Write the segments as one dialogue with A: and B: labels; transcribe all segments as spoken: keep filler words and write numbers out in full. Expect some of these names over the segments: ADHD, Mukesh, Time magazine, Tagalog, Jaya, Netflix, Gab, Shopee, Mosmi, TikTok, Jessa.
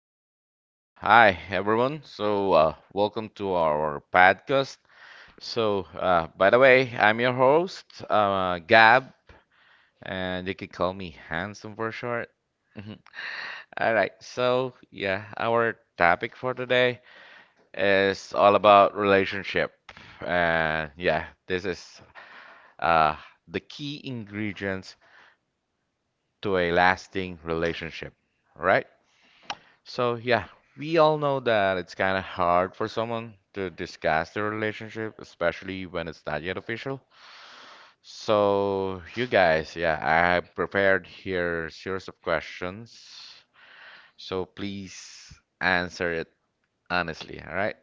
A: yo, yo. Hi, everyone. So, uh, welcome to our podcast. So, uh, by the way, I'm your host, uh, Gab, and you can call me Handsome for short. Mhm. All right, so yeah, our topic for today is all about relationship. And yeah, this is uh, the key ingredients to a lasting relationship, right? So, yeah, we all know that it's kind of hard for someone to discuss their relationship, especially when it's not yet official. So, you guys, yeah, I have prepared here a series of questions. So, please answer it honestly, all right?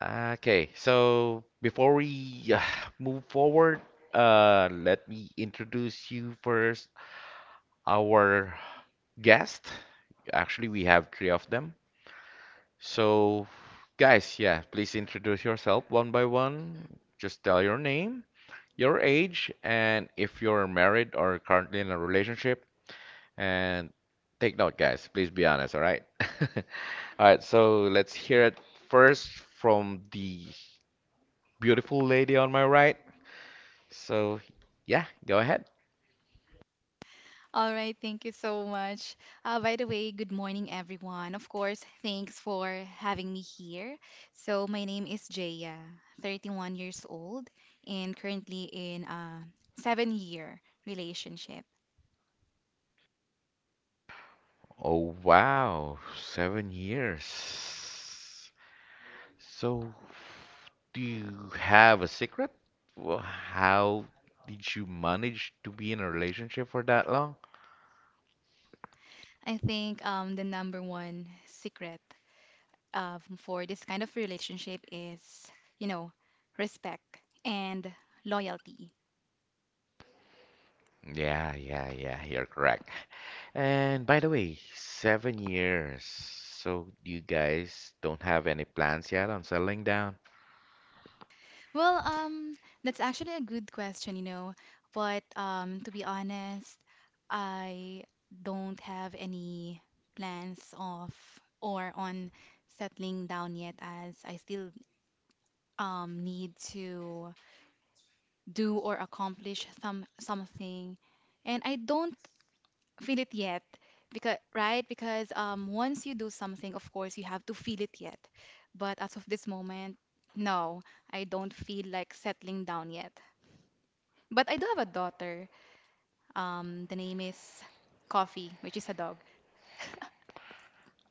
A: Okay, so before we uh, move forward, uh, let me introduce you first, our guest. Actually, we have three of them. So, guys, yeah, please introduce yourself one by one. Just tell your name, your age, and if you're married or currently in a relationship. And take note, guys, please be honest, all right? All right, so let's hear it first from the beautiful lady on my right. So, yeah, go ahead. Oh, wow, seven years. So, do you have a secret? Well, how did you manage to be in a relationship for that long? Yeah, yeah, yeah, you're correct. And by the way, seven years. So you guys don't have any plans yet on settling down?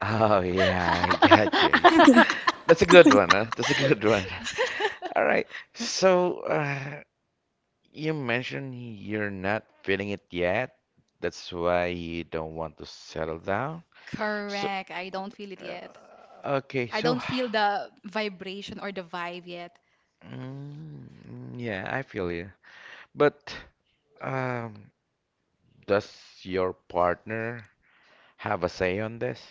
A: Oh yeah, I got you. That's a good one, huh? That's a good one. All right. So, uh, you mentioned you're not feeling it yet. That's why you don't want to settle down. So, uh, okay, so, mm, yeah, I feel you. But, um, does your partner have a say on this?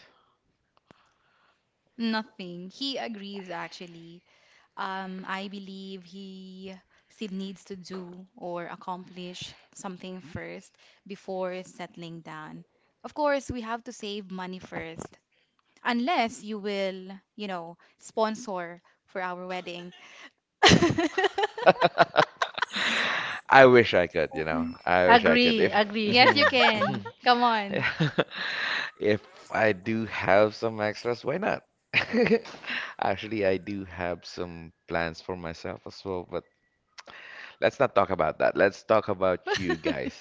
A: I wish I could, you know. I wish I could.
B: Agree,
A: If,
B: agree.
A: mhm, mhm. If I do have some extras, why not? Actually, I do have some plans for myself as well, but let's not talk about that. Let's talk about you guys.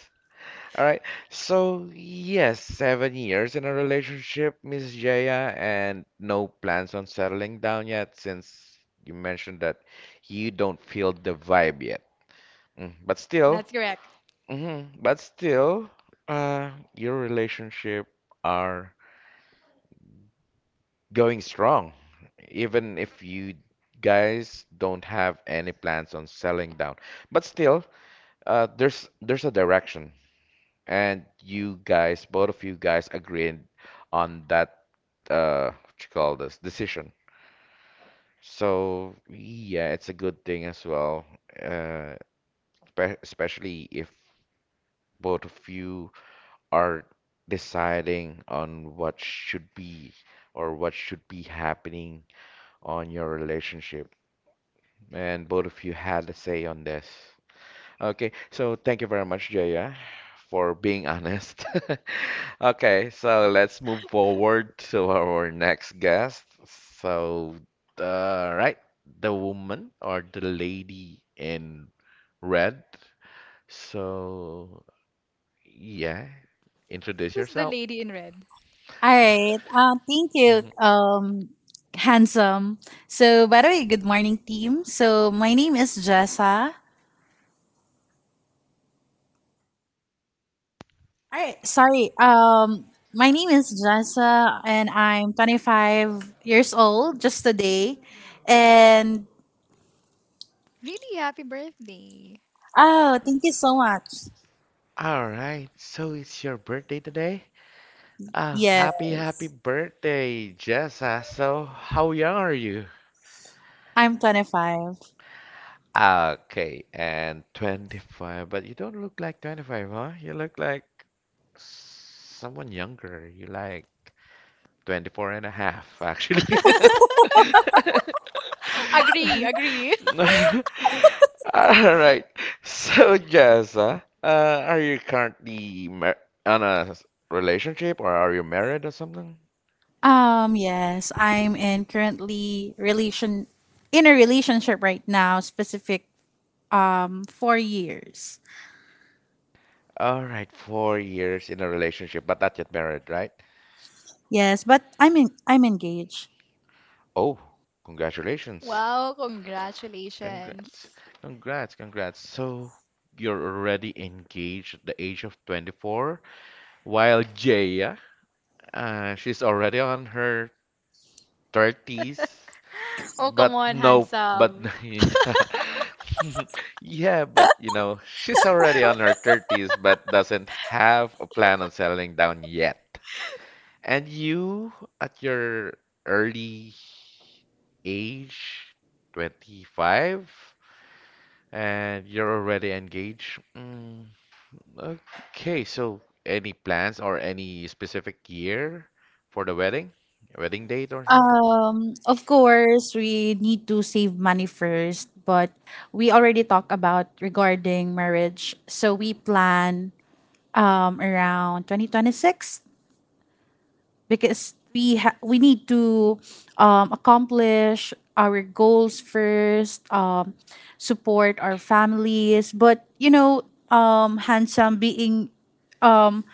A: All right. So, yes, seven years in a relationship, Miss Jaya, and no plans on settling down yet since you mentioned that you don't feel the vibe yet. Mm, but still, mhm, but still, uh, your relationship are going strong, even if you guys don't have any plans on selling down. But still, uh, there's there's a direction, and you guys, both of you guys, agreed on that uh, what you call this decision. So yeah, it's a good thing as well, uh, spe- especially if both of you are deciding on what should be or what should be happening on your relationship. And both of you had a say on this. Okay, so thank you very much, Jaya, for being honest. Okay, so let's move forward to our next guest. So, uh, right, the woman or the lady in red. So, yeah, introduce yourself.
C: All right. Uh, thank you,
A: Mhm.
C: um, handsome. So, by the way, good morning, team. So, my name is Jessa. All right. Sorry. Um, my name is Jessa, and I'm twenty-five years old just today. And oh, thank you so much.
A: All right, so it's your birthday today? Oh,
C: Yeah,
A: happy, happy birthday, Jessa. So, how young are you?
C: I'm twenty-five.
A: Ah, okay, and twenty-five, but you don't look like twenty-five, huh? You look like someone younger. You like twenty-four and a half, actually. All right. So, Jessa, uh, are you currently mar on a s- relationship or are you married or something?
C: Um, yes, I'm in currently relation in a relationship right now, specific um four years.
A: All right, four years in a relationship, but not yet married, right?
C: Yes, but I'm in, I'm engaged.
A: Oh, congratulations. Congrats. Congrats, congrats. So you're already engaged at the age of twenty-four, while Jaya, uh, she's already on her thirties. But no, but yeah, yeah, but you know, she's already on her thirties, but doesn't have a plan on settling down yet. And you, at your early age, twenty-five? And you're already engaged. Mm, okay, so any plans or any specific year for the wedding? Wedding date or something?
C: Um, of course, we need to save money first, but we already talked about regarding marriage. So we plan um around twenty twenty-six because we ha- we need to um, accomplish our goals first um, support our families, but you know um, handsome, being um,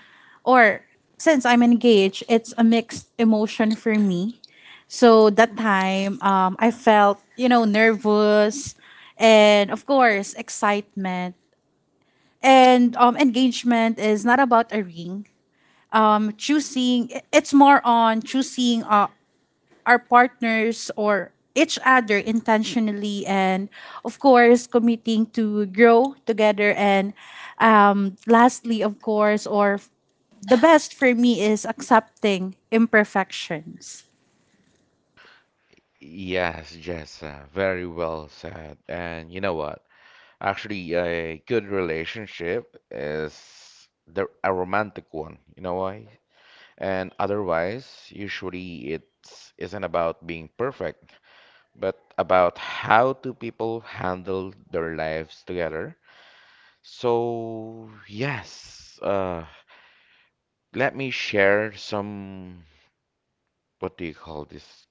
C: or since I'm engaged, it's a mixed emotion for me. So that time, um, I felt, you know nervous, and of course excitement. And um, engagement is not about a ring um, choosing it's more on choosing uh, our partners, or each other, intentionally, and of course committing to grow together, and um, lastly, of course or f- the best for me is accepting imperfections.
A: Yes, Jessa, very well said. And you know what? Actually, a good relationship is the a romantic one. You know why? And otherwise, usually it isn't about being perfect, but about how two people handle their lives together. So, yes, uh, let me share some, what do you call this?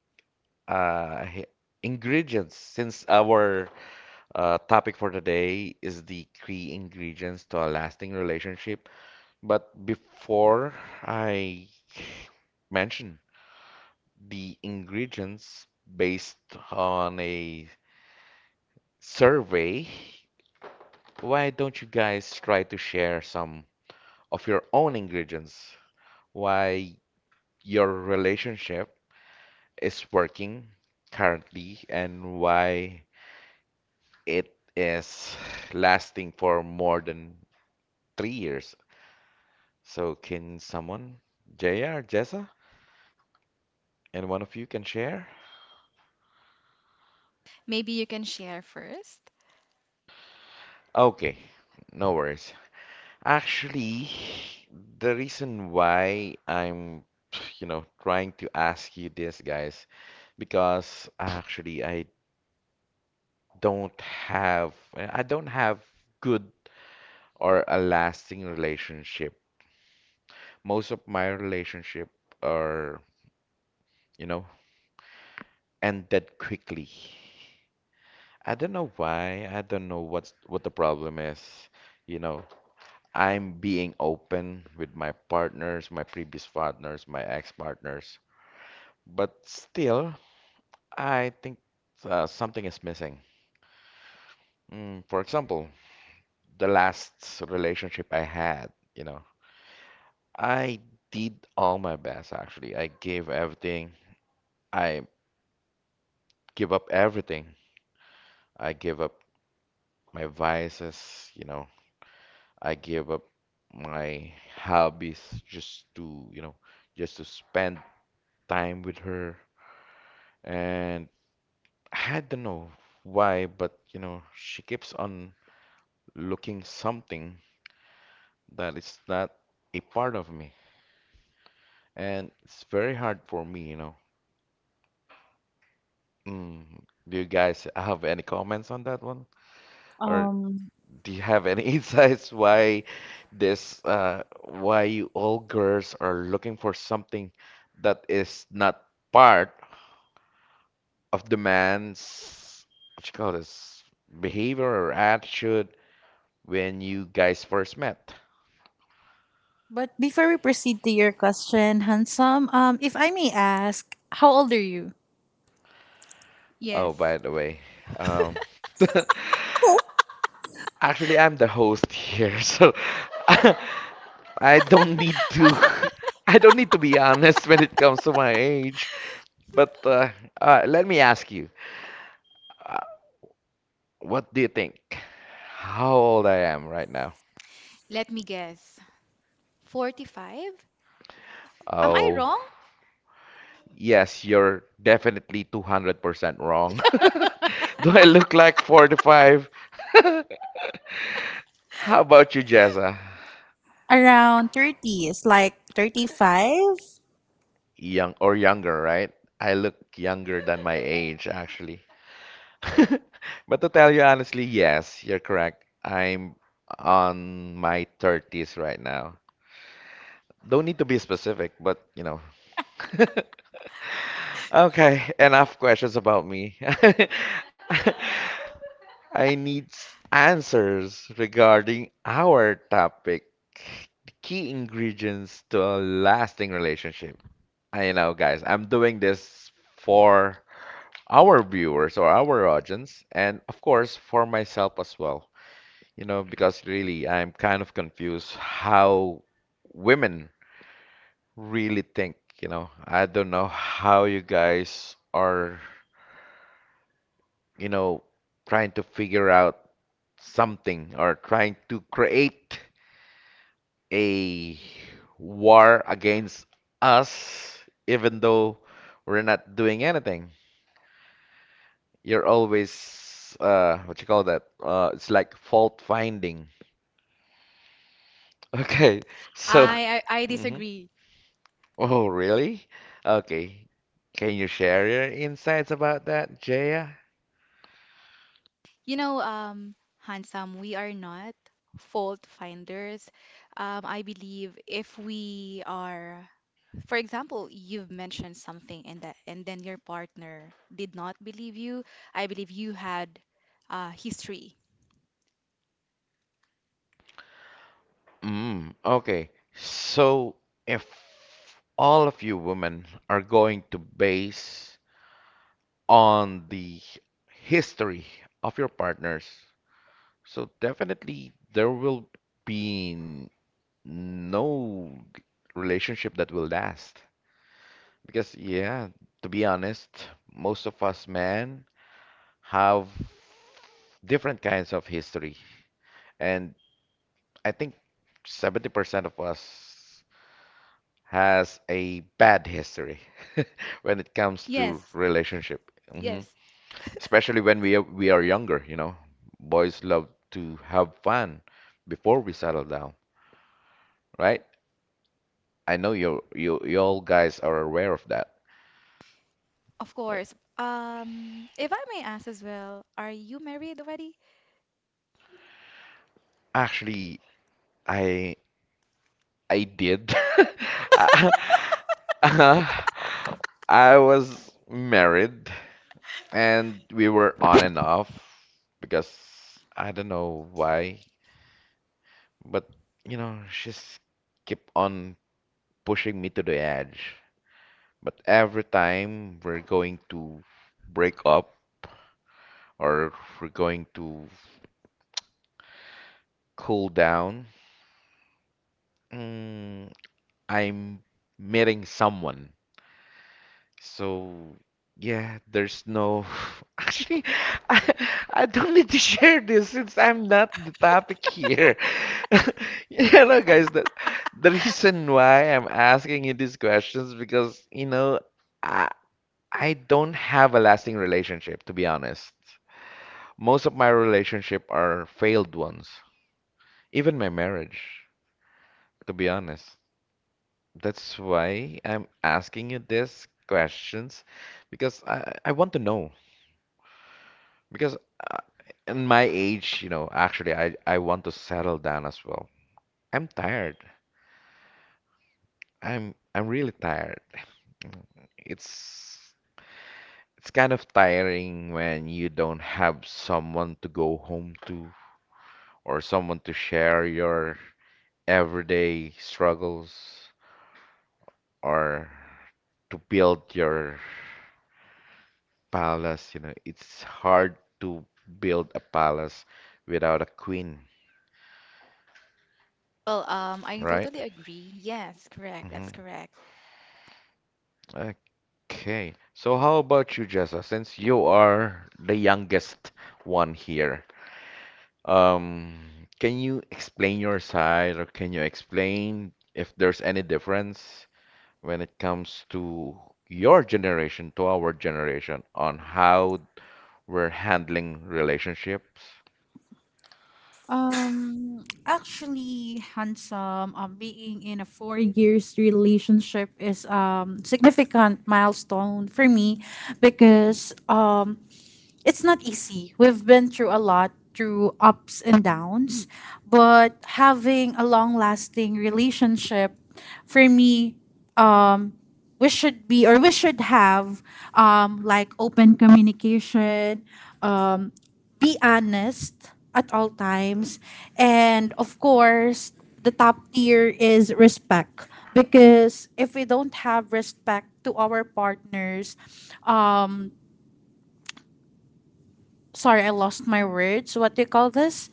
A: Uh, he- ingredients, since our uh, topic for today is the key ingredients to a lasting relationship. But before I mention the ingredients based on a survey, why don't you guys try to share some of your own ingredients? Why your relationship is working currently and why it is lasting for more than three years. So, can someone, J R, Jessa, and one of you can share? Okay, no worries. Actually, the reason why I'm, you know, trying to ask you this, guys, because actually I don't have, I don't have good or a lasting relationship. Most of my relationship are, you know, ended quickly. I don't know why. I don't know what's what the problem is. You know, I'm being open with my partners, my previous partners, my ex-partners, but still, I think uh, something is missing. Mm, for example, the last relationship I had, you know, I did all my best actually. I gave everything. I give up everything. I give up my vices, you know, I give up my hobbies just to, you know, just to spend time with her. And I don't know why, but you know, she keeps on looking something that is not a part of me. And it's very hard for me, you know. Mm. Do you guys have any comments on that one? Or
C: Um,
A: do you have any insights why this, uh, why you all girls are looking for something that is not part of the man's, what you call this, behavior or attitude when you guys first met?
C: but before we proceed to your question, handsome, um, if I may ask, how old are you?
A: Oh, by the way, um, actually, I'm the host here, so I don't need to. I don't need to be honest when it comes to my age, but uh, uh, let me ask you. What do you think? How old I am right now? Oh, yes, you're definitely two hundred percent wrong. Do I look like forty-five? How about you, Jessa?
C: Around Thirty, it's like thirty-five.
A: Young or younger, right? I look younger than my age, actually. But to tell you honestly, yes, you're correct. I'm on my thirties right now. Don't need to be specific, but you know. Okay, enough questions about me. I need s- answers regarding our topic, the key ingredients to a lasting relationship. I know, guys, I'm doing this for our viewers or our audience, and of course for myself as well. You know, because really I'm kind of confused how women really think, you know. I don't know how you guys are you know, trying to figure out something or trying to create a war against us, even though we're not doing anything. You're always, uh, what you call that? Uh, it's like fault finding. Okay, so,
D: I, I I
A: hmm.
D: disagree.
A: Oh, really? Okay. Can you share your insights about that, Jaya?
D: You know, um, handsome, we are not fault finders. Um, I believe if we are, for example, you've mentioned something and that, and then your partner did not believe you. I believe you had uh, history.
A: Mm, okay. So if all of you women are going to base on the history of your partners, so definitely there will be n- no relationship that will last. Because yeah, to be honest, most of us men have different kinds of history. And I think seventy percent of us has a bad history when it comes to
D: Yes,
A: relationship. Hmm.
D: yes,
A: Especially when we are, we are younger, you know. Boys love to have fun before we settle down, right? I know you you you all guys are aware of that.
D: of course. Um, if I may ask as well, are you married already?
A: Actually, I I did. Uh, uh, I was married and we were on and off because I don't know why. But, you know, she's keep on pushing me to the edge. But every time we're going to break up or we're going to cool down, mm, I'm meeting someone. So, yeah, there's no. Actually, I, I don't need to share this since I'm not the topic here. You know, guys, the, the reason why I'm asking you these questions because, you know, I I don't have a lasting relationship, to be honest. Most of my relationship are failed ones. Even my marriage, to be honest. That's why I'm asking you these questions because I, I want to know. Because uh, in my age, you know, actually, I, I want to settle down as well. I'm tired. I'm I'm really tired. It's it's kind of tiring when you don't have someone to go home to or someone to share your everyday struggles or to build your palace. You know, it's hard to build a palace without a queen,
D: Well, um, I
A: right?
D: totally agree. Yes, correct. That's
A: Hmm.
D: correct.
A: Okay. So how about you, Jessa? Since you are the youngest one here, um, can you explain your side or can you explain if there's any difference when it comes to your generation to our generation on how we're handling relationships?
C: Um, actually, handsome. Um, being in a four years relationship is um significant milestone for me, because um it's not easy. We've been through a lot, through ups and downs, but having a long lasting relationship for me, um, we should be or we should have, um, like, open communication, um, be honest at all times, and of course, the top tier is respect. Because if we don't have respect to our partners, um, sorry, I lost my words. What do you call this?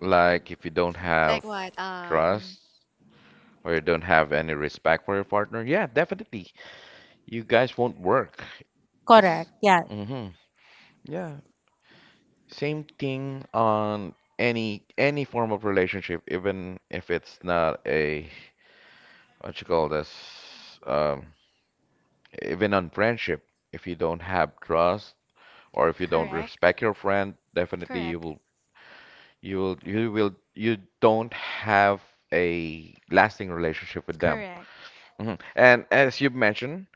A: Like if you don't
D: Like
A: have
D: what? Um,
A: trust or you don't have any respect for your partner, yeah, definitely. You guys won't work.
C: Correct. Yeah.
A: Mm-hmm. Yeah. Same thing on any any form of relationship, even if it's not a what you call this, um, even on friendship. If you don't have trust or if you don't
D: correct.
A: respect your friend, definitely you
D: Correct.
A: will you will you will you don't have a lasting relationship with them.
D: Correct.
A: Mhm. And as you mentioned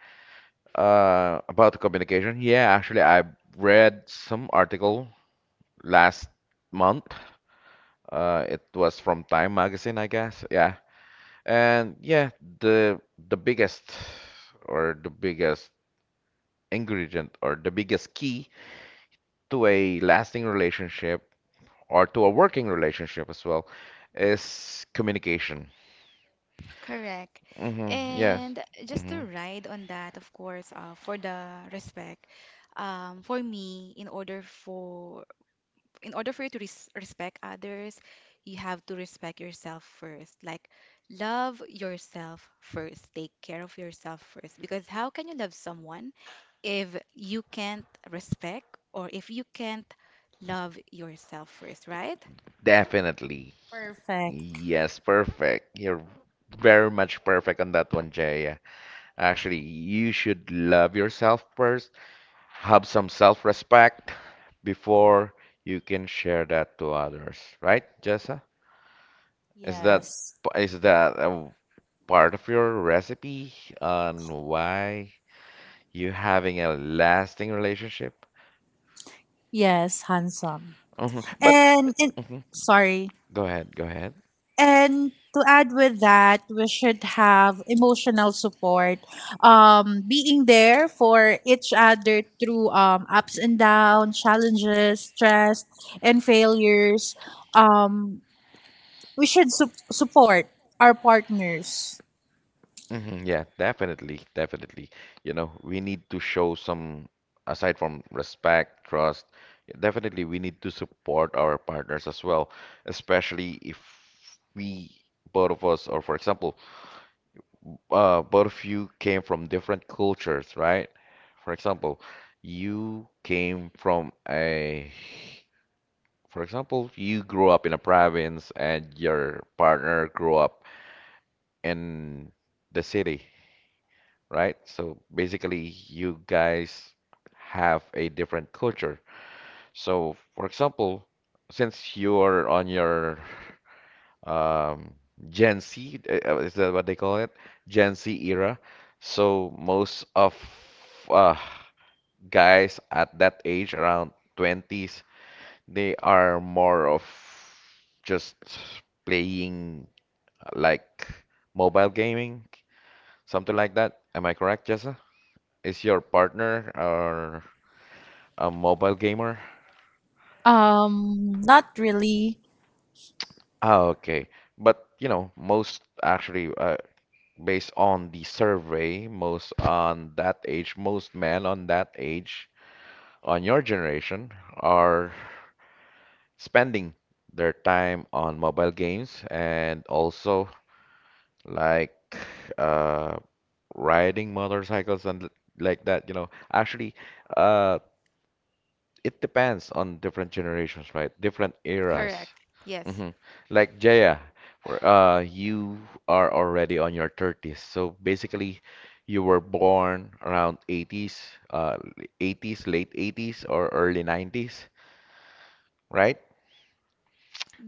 A: uh, about the communication, yeah, actually I read some article last month. Uh, it was from Time magazine, I guess. Yeah. And yeah, the the biggest or the biggest ingredient or the biggest key to a lasting relationship or to a working relationship as well is communication.
D: Correct.
A: Hmm. Yes.
D: And just
A: Hmm.
D: to ride on that, of course, uh, for the respect, um, for me, in order for in order for you to res respect others, you have to respect yourself first. Like, love yourself first. Take care of yourself first. Because how can you love someone if you can't respect or if you can't love yourself first, right?
A: Definitely.
C: Perfect.
A: Yes, perfect. You're very much perfect on that one, Jaya. Actually, you should love yourself first, have some self-respect before you can share that to others, right, Jessa? Is that
C: Yes.
A: is that a part of your recipe on why you having a lasting relationship?
C: Yes, handsome.
A: Hmm. But
C: And, and
A: hmm,
C: sorry.
A: go ahead, go ahead.
C: And to add with that, we should have emotional support. Um, being there for each other through um ups and downs, challenges, stress, and failures. Um, we should su- support our partners.
A: Hmm. Yeah, definitely, definitely. You know, we need to show some, aside from respect, trust, yeah, definitely we need to support our partners as well, especially if we, both of us, or for example, uh, both of you came from different cultures, right? For example, you came from a, for example, you grew up in a province and your partner grew up in the city, right? So basically, you guys have a different culture. So, for example, since you're on your um, Gen Z, uh, uh, is that what they call it? Gen Z era. So most of uh, guys at that age, around twenties, they are more of just playing uh, like mobile gaming. Something like that. Am I correct, Jessa? Is your partner or a mobile gamer?
C: Um, not really.
A: Ah, okay. But you know, most actually, uh, based on the survey, most on that age, most men on that age, on your generation, are spending their time on mobile games and also like uh, riding motorcycles and l- like that. You know, actually, uh, it depends on different generations, right? Different eras.
D: Correct. Yes.
A: Hmm. Like Jaya, for, uh, you are already on your thirties. So basically, you were born around eighties, uh, eighties, late eighties, or early nineties, right?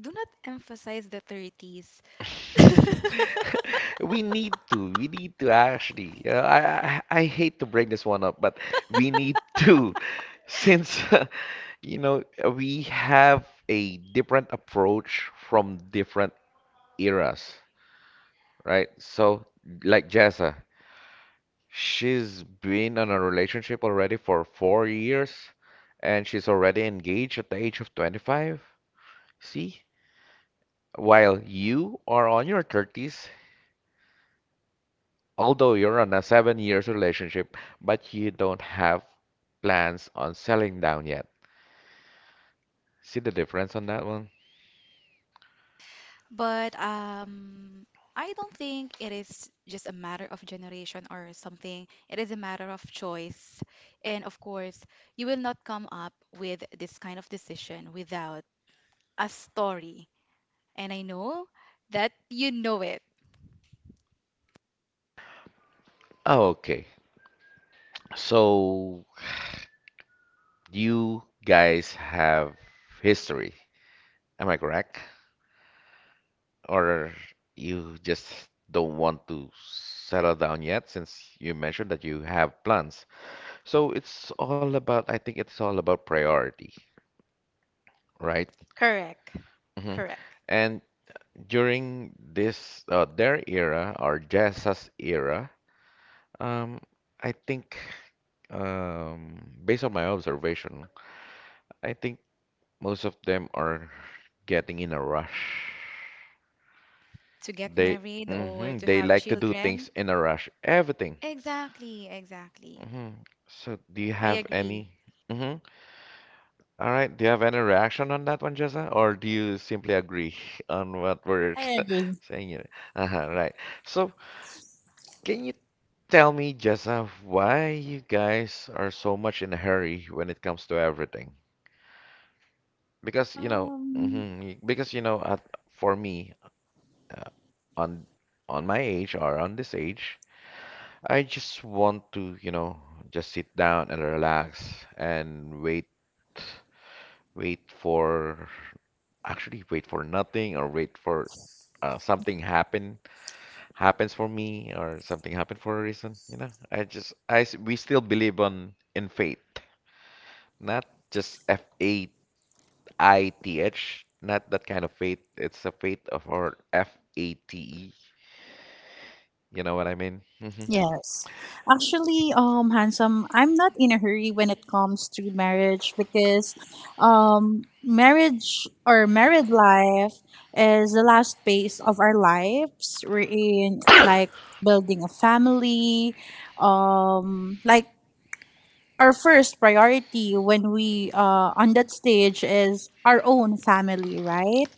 D: Do not emphasize the thirties,
A: We need to. We need to actually. You know, I, I I hate to bring this one up, but we need to, since you know we have a different approach from different eras, right? So like Jessa, she's been in a relationship already for four years, and she's already engaged at the age of twenty-five. See? While you are on your thirties although you're on a seven years relationship, but you don't have plans on selling down yet. See the difference on that one?
D: but um, I don't think it is just a matter of generation or something. It is a matter of choice. And of course, you will not come up with this kind of decision without a story. And I know that you know it.
A: Okay, so you guys have history, am I correct? Or you just don't want to settle down yet since you mentioned that you have plans. So it's all about, I think it's all about priority, right?
D: Correct.
A: Hmm.
D: Correct.
A: And during this uh, their era or Jessa's era, um, I think um, based on my observation, I think most of them are getting in a rush.
D: To get
A: They
D: married or
A: hmm,
D: to
A: they
D: have
A: like to do
D: children.
A: things in a rush. Everything.
D: Exactly, exactly.
A: Hmm. So do you
D: I
A: have
D: agree.
A: any? Hmm. All right. Do you have any reaction on that one, Jessa? Or do you simply agree on what we're
C: I agree.
A: saying here? Uh-huh, right. So can you tell me, Jessa, why you guys are so much in a hurry when it comes to everything? Because you know,
C: Um,
A: mhm, because you know, at, for me, uh, on on my age or on this age, I just want to, you know, just sit down and relax and wait, wait for, actually wait for nothing or wait for uh, something happen happens for me or something happen for a reason. You know, I just I s- we still believe on in fate. Not just F A I T H, not that kind of faith. It's a faith of or F A T E. You know what I mean? Hmm.
C: yes. Actually, um, handsome, I'm not in a hurry when it comes to marriage, because um, marriage, or married life, is the last phase of our lives. We're in, like, building a family, um, like, our first priority when we uh on that stage is our own family, right?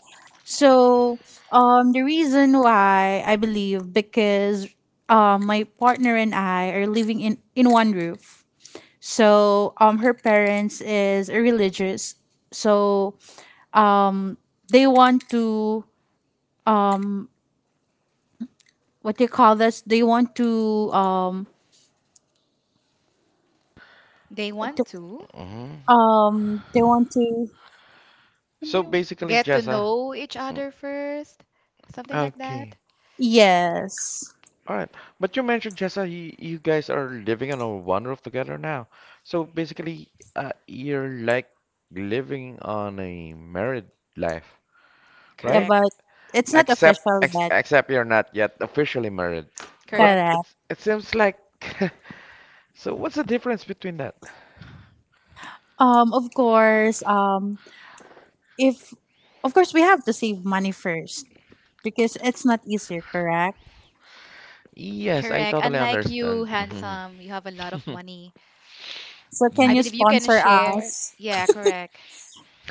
C: So, um, the reason why I believe, because um, my partner and I are living in in one roof. So, um, her parents is religious. So, um, they want to, um, what they call this? They want to, um,
D: They
C: what do-
D: want to
A: Hmm.
C: um, they want to.
A: So basically,
D: get to
A: Jessa,
D: know each
A: mm,
D: other first, something like that.
A: okay.
C: Yes,
A: All right. But you mentioned, Jessa, you, you guys are living on a one roof together now. So basically, uh, you're like living on a married life,
C: yeah,
A: right?
C: but
D: Correct.
C: it's not
A: Except
C: official
A: ex
C: yet.
A: except you're not yet officially married. But
D: Correct.
C: Correct.
A: it's it seems like so what's the difference between that?
C: Um, of course. Um, if of course we have to save money first, because it's not easier, correct?
A: Yes, I
D: Correct.
A: totally
D: Unlike you,
A: understand. Mhm.
D: handsome, you have a lot of money.
C: So can
D: I
A: Ye-
C: you
D: believe you can
C: sponsor
D: share.
C: us?
D: Yeah, correct.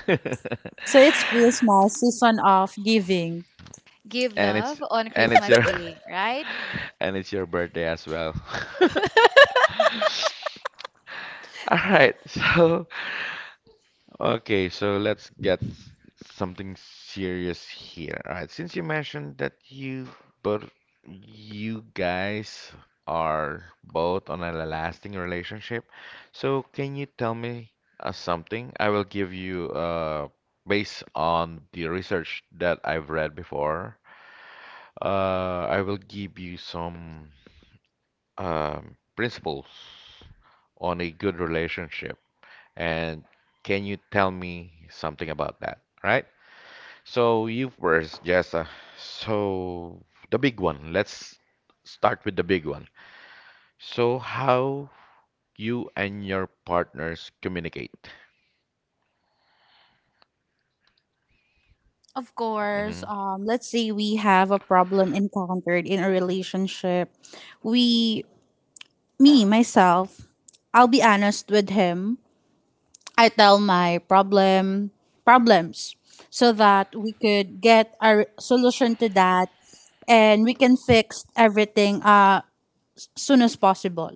C: So it's Christmas season of giving.
D: Give
A: and it's
D: love on
A: and it's
D: Christmas
A: your
D: Day, right?
A: and it's your birthday as well. All right, so. Okay, so let's get something serious here. All right, since you mentioned that you both you guys are both on a lasting relationship, so can you tell me uh, something? I will give you uh based on the research that I've read before, uh I will give you some um principles on a good relationship. And can you tell me something about that, right? So you first, Jessa. So the big one. Let's start with the big one. So how you and your partners communicate?
C: Of course,
A: Hmm.
C: um, let's say we have a problem encountered in a relationship. We, me, myself, I'll be honest with him. I tell my problem problems so that we could get a re- solution to that, and we can fix everything uh soon as possible.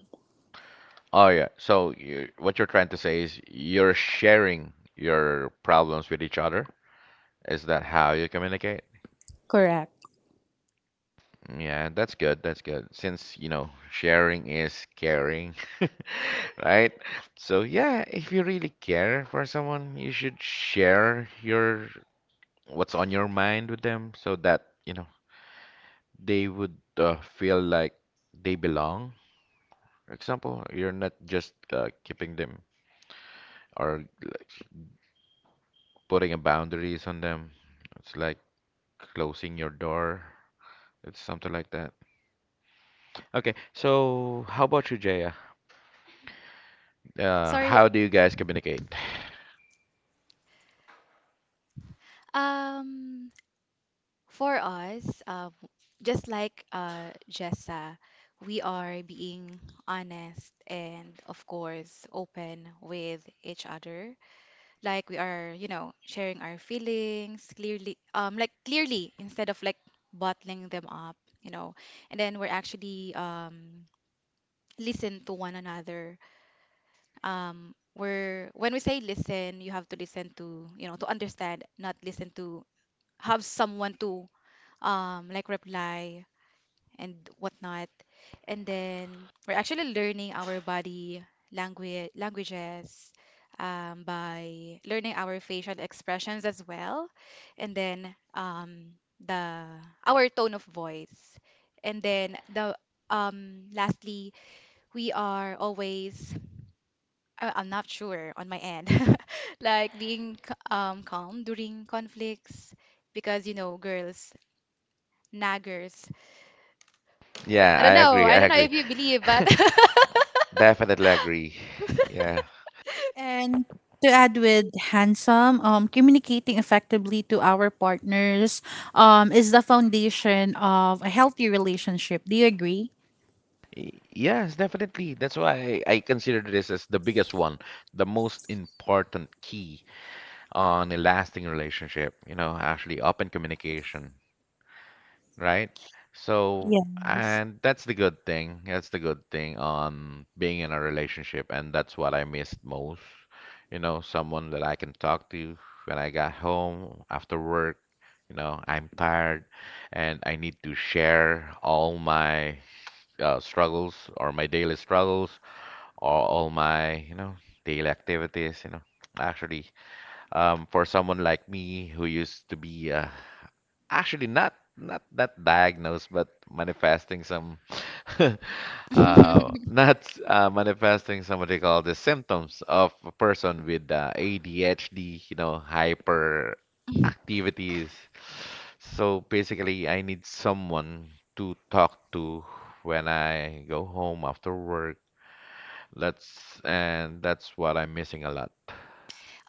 A: Oh yeah. So you, what you're trying to say is you're sharing your problems with each other. Is that how you communicate?
C: Correct.
A: Yeah, that's good. That's good. Since, you know, sharing is caring, right? So, yeah, if you really care for someone, you should share your what's on your mind with them so that, you know, they would uh, feel like they belong. For example, you're not just uh, keeping them or like, putting a boundaries on them. It's like closing your door. It's something like that. Okay, so how about you, Jaya? Uh,
D: Sorry.
A: how do you guys communicate?
D: Um, for us, um, just like uh, Jessa, we are being honest and, of course, open with each other. Like, we are, you know sharing our feelings clearly, um like clearly, instead of like bottling them up, you know and then we're actually, um listen to one another. Um we're When we say listen, you have to listen to, you know to understand, not listen to have someone to, um like, reply and whatnot. And then we're actually learning our body language languages, um, by learning our facial expressions as well, and then, um, the our tone of voice, and then the, um, lastly, we are always, I- I'm not sure on my end, like being c- um, calm during conflicts, because you know girls, naggers.
A: Yeah,
D: i
A: I
D: don't know
A: agree.
D: i
A: I
D: don't know
A: agree.
D: if you believe, but
A: Definitely agree. Yeah.
C: And to add with handsome, um, communicating effectively to our partners um, is the foundation of a healthy relationship. Do you agree?
A: Y- Yes, definitely. That's why I consider this as the biggest one, the most important key on a lasting relationship, you know, actually open communication. Right? So,
C: Yes.
A: and that's the good thing. That's the good thing on being in a relationship, and that's what I missed most. You know, someone that I can talk to when I got home after work. You know, I'm tired and I need to share all my uh, struggles or my daily struggles or all my, you know, daily activities, you know. Actually, um, for someone like me who used to be a actually not not not diagnosed, but manifesting some uh, not uh, manifesting some what they call the symptoms of a person with uh, A D H D, you know, hyper activities. So basically, I need someone to talk to when I go home after work. That's and that's what I'm missing a lot.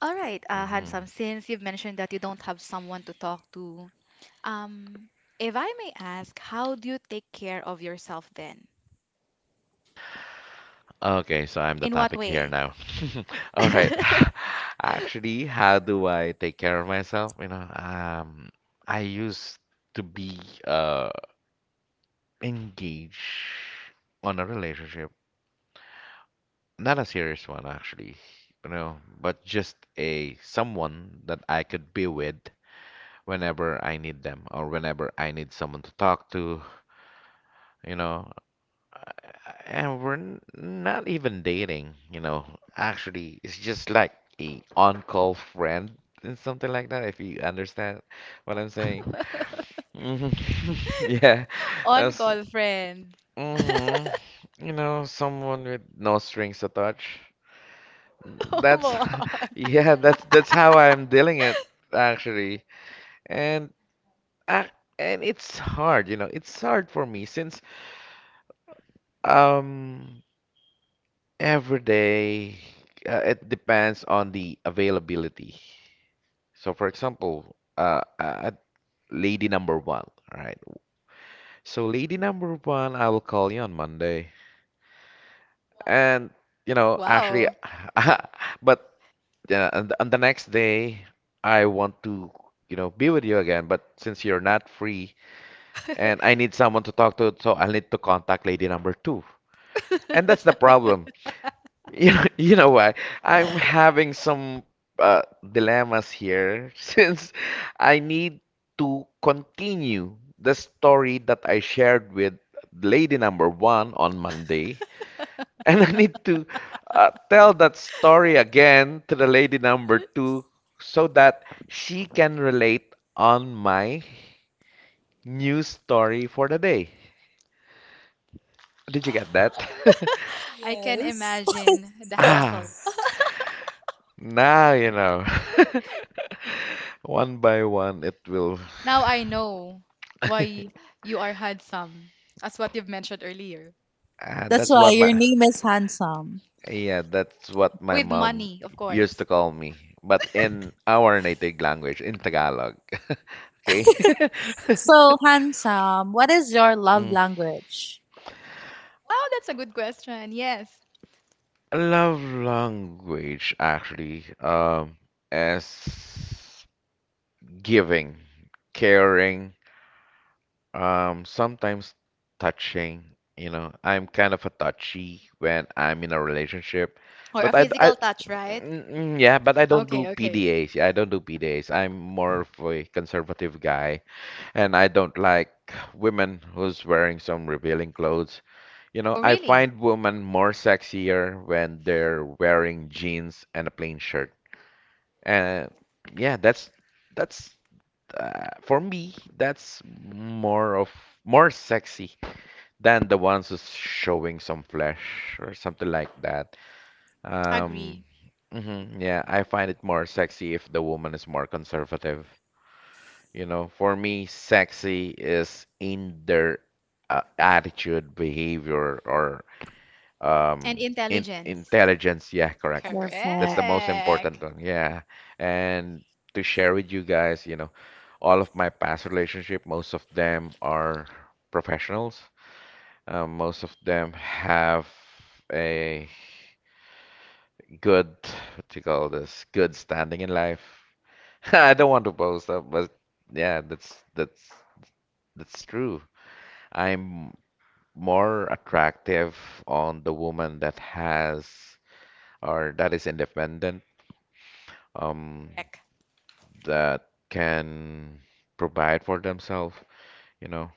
D: All right, uh,
A: Mhm.
D: handsome. Since you've mentioned that you don't have someone to talk to, um, if I may ask, how do you take care of yourself then?
A: Okay, so I'm the
D: In what
A: topic here
D: way?
A: now. All right. Actually, how do I take care of myself? You know, um, I used to be uh engaged on a relationship, not a serious one actually, you know, but just a someone that I could be with whenever I need them or whenever I need someone to talk to, you know. And we're n- not even dating, you know. Actually, it's just like a on-call friend and something like that, if you understand what I'm saying. Hmm. Yeah, that's
D: On-call friend.
A: hmm, you know, someone with no strings attached. That's yeah, that's that's how I'm dealing it actually. And ac- and it's hard, you know, it's hard for me since um every day, uh, it depends on the availability. So, for example, uh, uh, lady number one, right? So, lady number one, I will call you on Monday, and you know, actually,
D: Wow.
A: but yeah, and th- on the next day, I want to, you know, be with you again. But since you're not free, and I need someone to talk to, so I'll need to contact lady number two, and that's the problem. You know, you know what? I'm having some uh, dilemmas here since I need to continue the story that I shared with lady number one on Monday, and I need to uh, tell that story again to the lady number two so that she can relate on my new story for the day. Did you get that?
D: I can
C: Yes.
D: imagine the
A: Ah,
D: hassle.
A: now you know. One by one, it will.
D: Now I know why you are handsome, as what you've mentioned earlier.
A: Ah,
C: That's
A: that's
C: why
A: what
C: your
A: my
C: name is handsome.
A: yeah, that's what my
D: With
A: mom
D: money, of
A: used to
D: course.
A: call me, but in our native language, in Tagalog. Okay.
C: So, handsome, what is your love
A: Mm.
C: language?
D: Oh, that's a good question. Yes.
A: Love language actually um, is giving, caring, Um, sometimes touching, you know, I'm kind of a touchy when I'm in a relationship,
D: Or a
A: but I, d-
D: physical
A: I-
D: touch, right?
A: mm, mm, yeah, but I don't
D: Okay,
A: do
D: okay.
A: P D As. Yeah, I don't do P D As. I'm more of a conservative guy, and I don't like women who's wearing some revealing clothes. You know,
D: Oh,
A: I
D: really?
A: find women more sexier when they're wearing jeans and a plain shirt. And yeah, that's that's uh, for me, that's more of more sexy than the ones who's showing some flesh or something like that. Um,
D: Agree.
A: mhm, yeah, I find it more sexy if the woman is more conservative. You know, for me, sexy is in their uh, attitude, behavior, or um,
D: And
A: in
D: intelligence.
A: intelligence, yeah, correct. That's
C: Perfect.
A: the most
D: Correct.
A: important one, yeah. And to share with you guys, you know, all of my past relationship, most of them are professionals. Um, most of them have a good, what do you call this, good standing in life. I don't want to boast, up, but yeah, that's that's that's true. I'm more attractive on the woman that has or that is independent, um, that can provide for themselves, you know.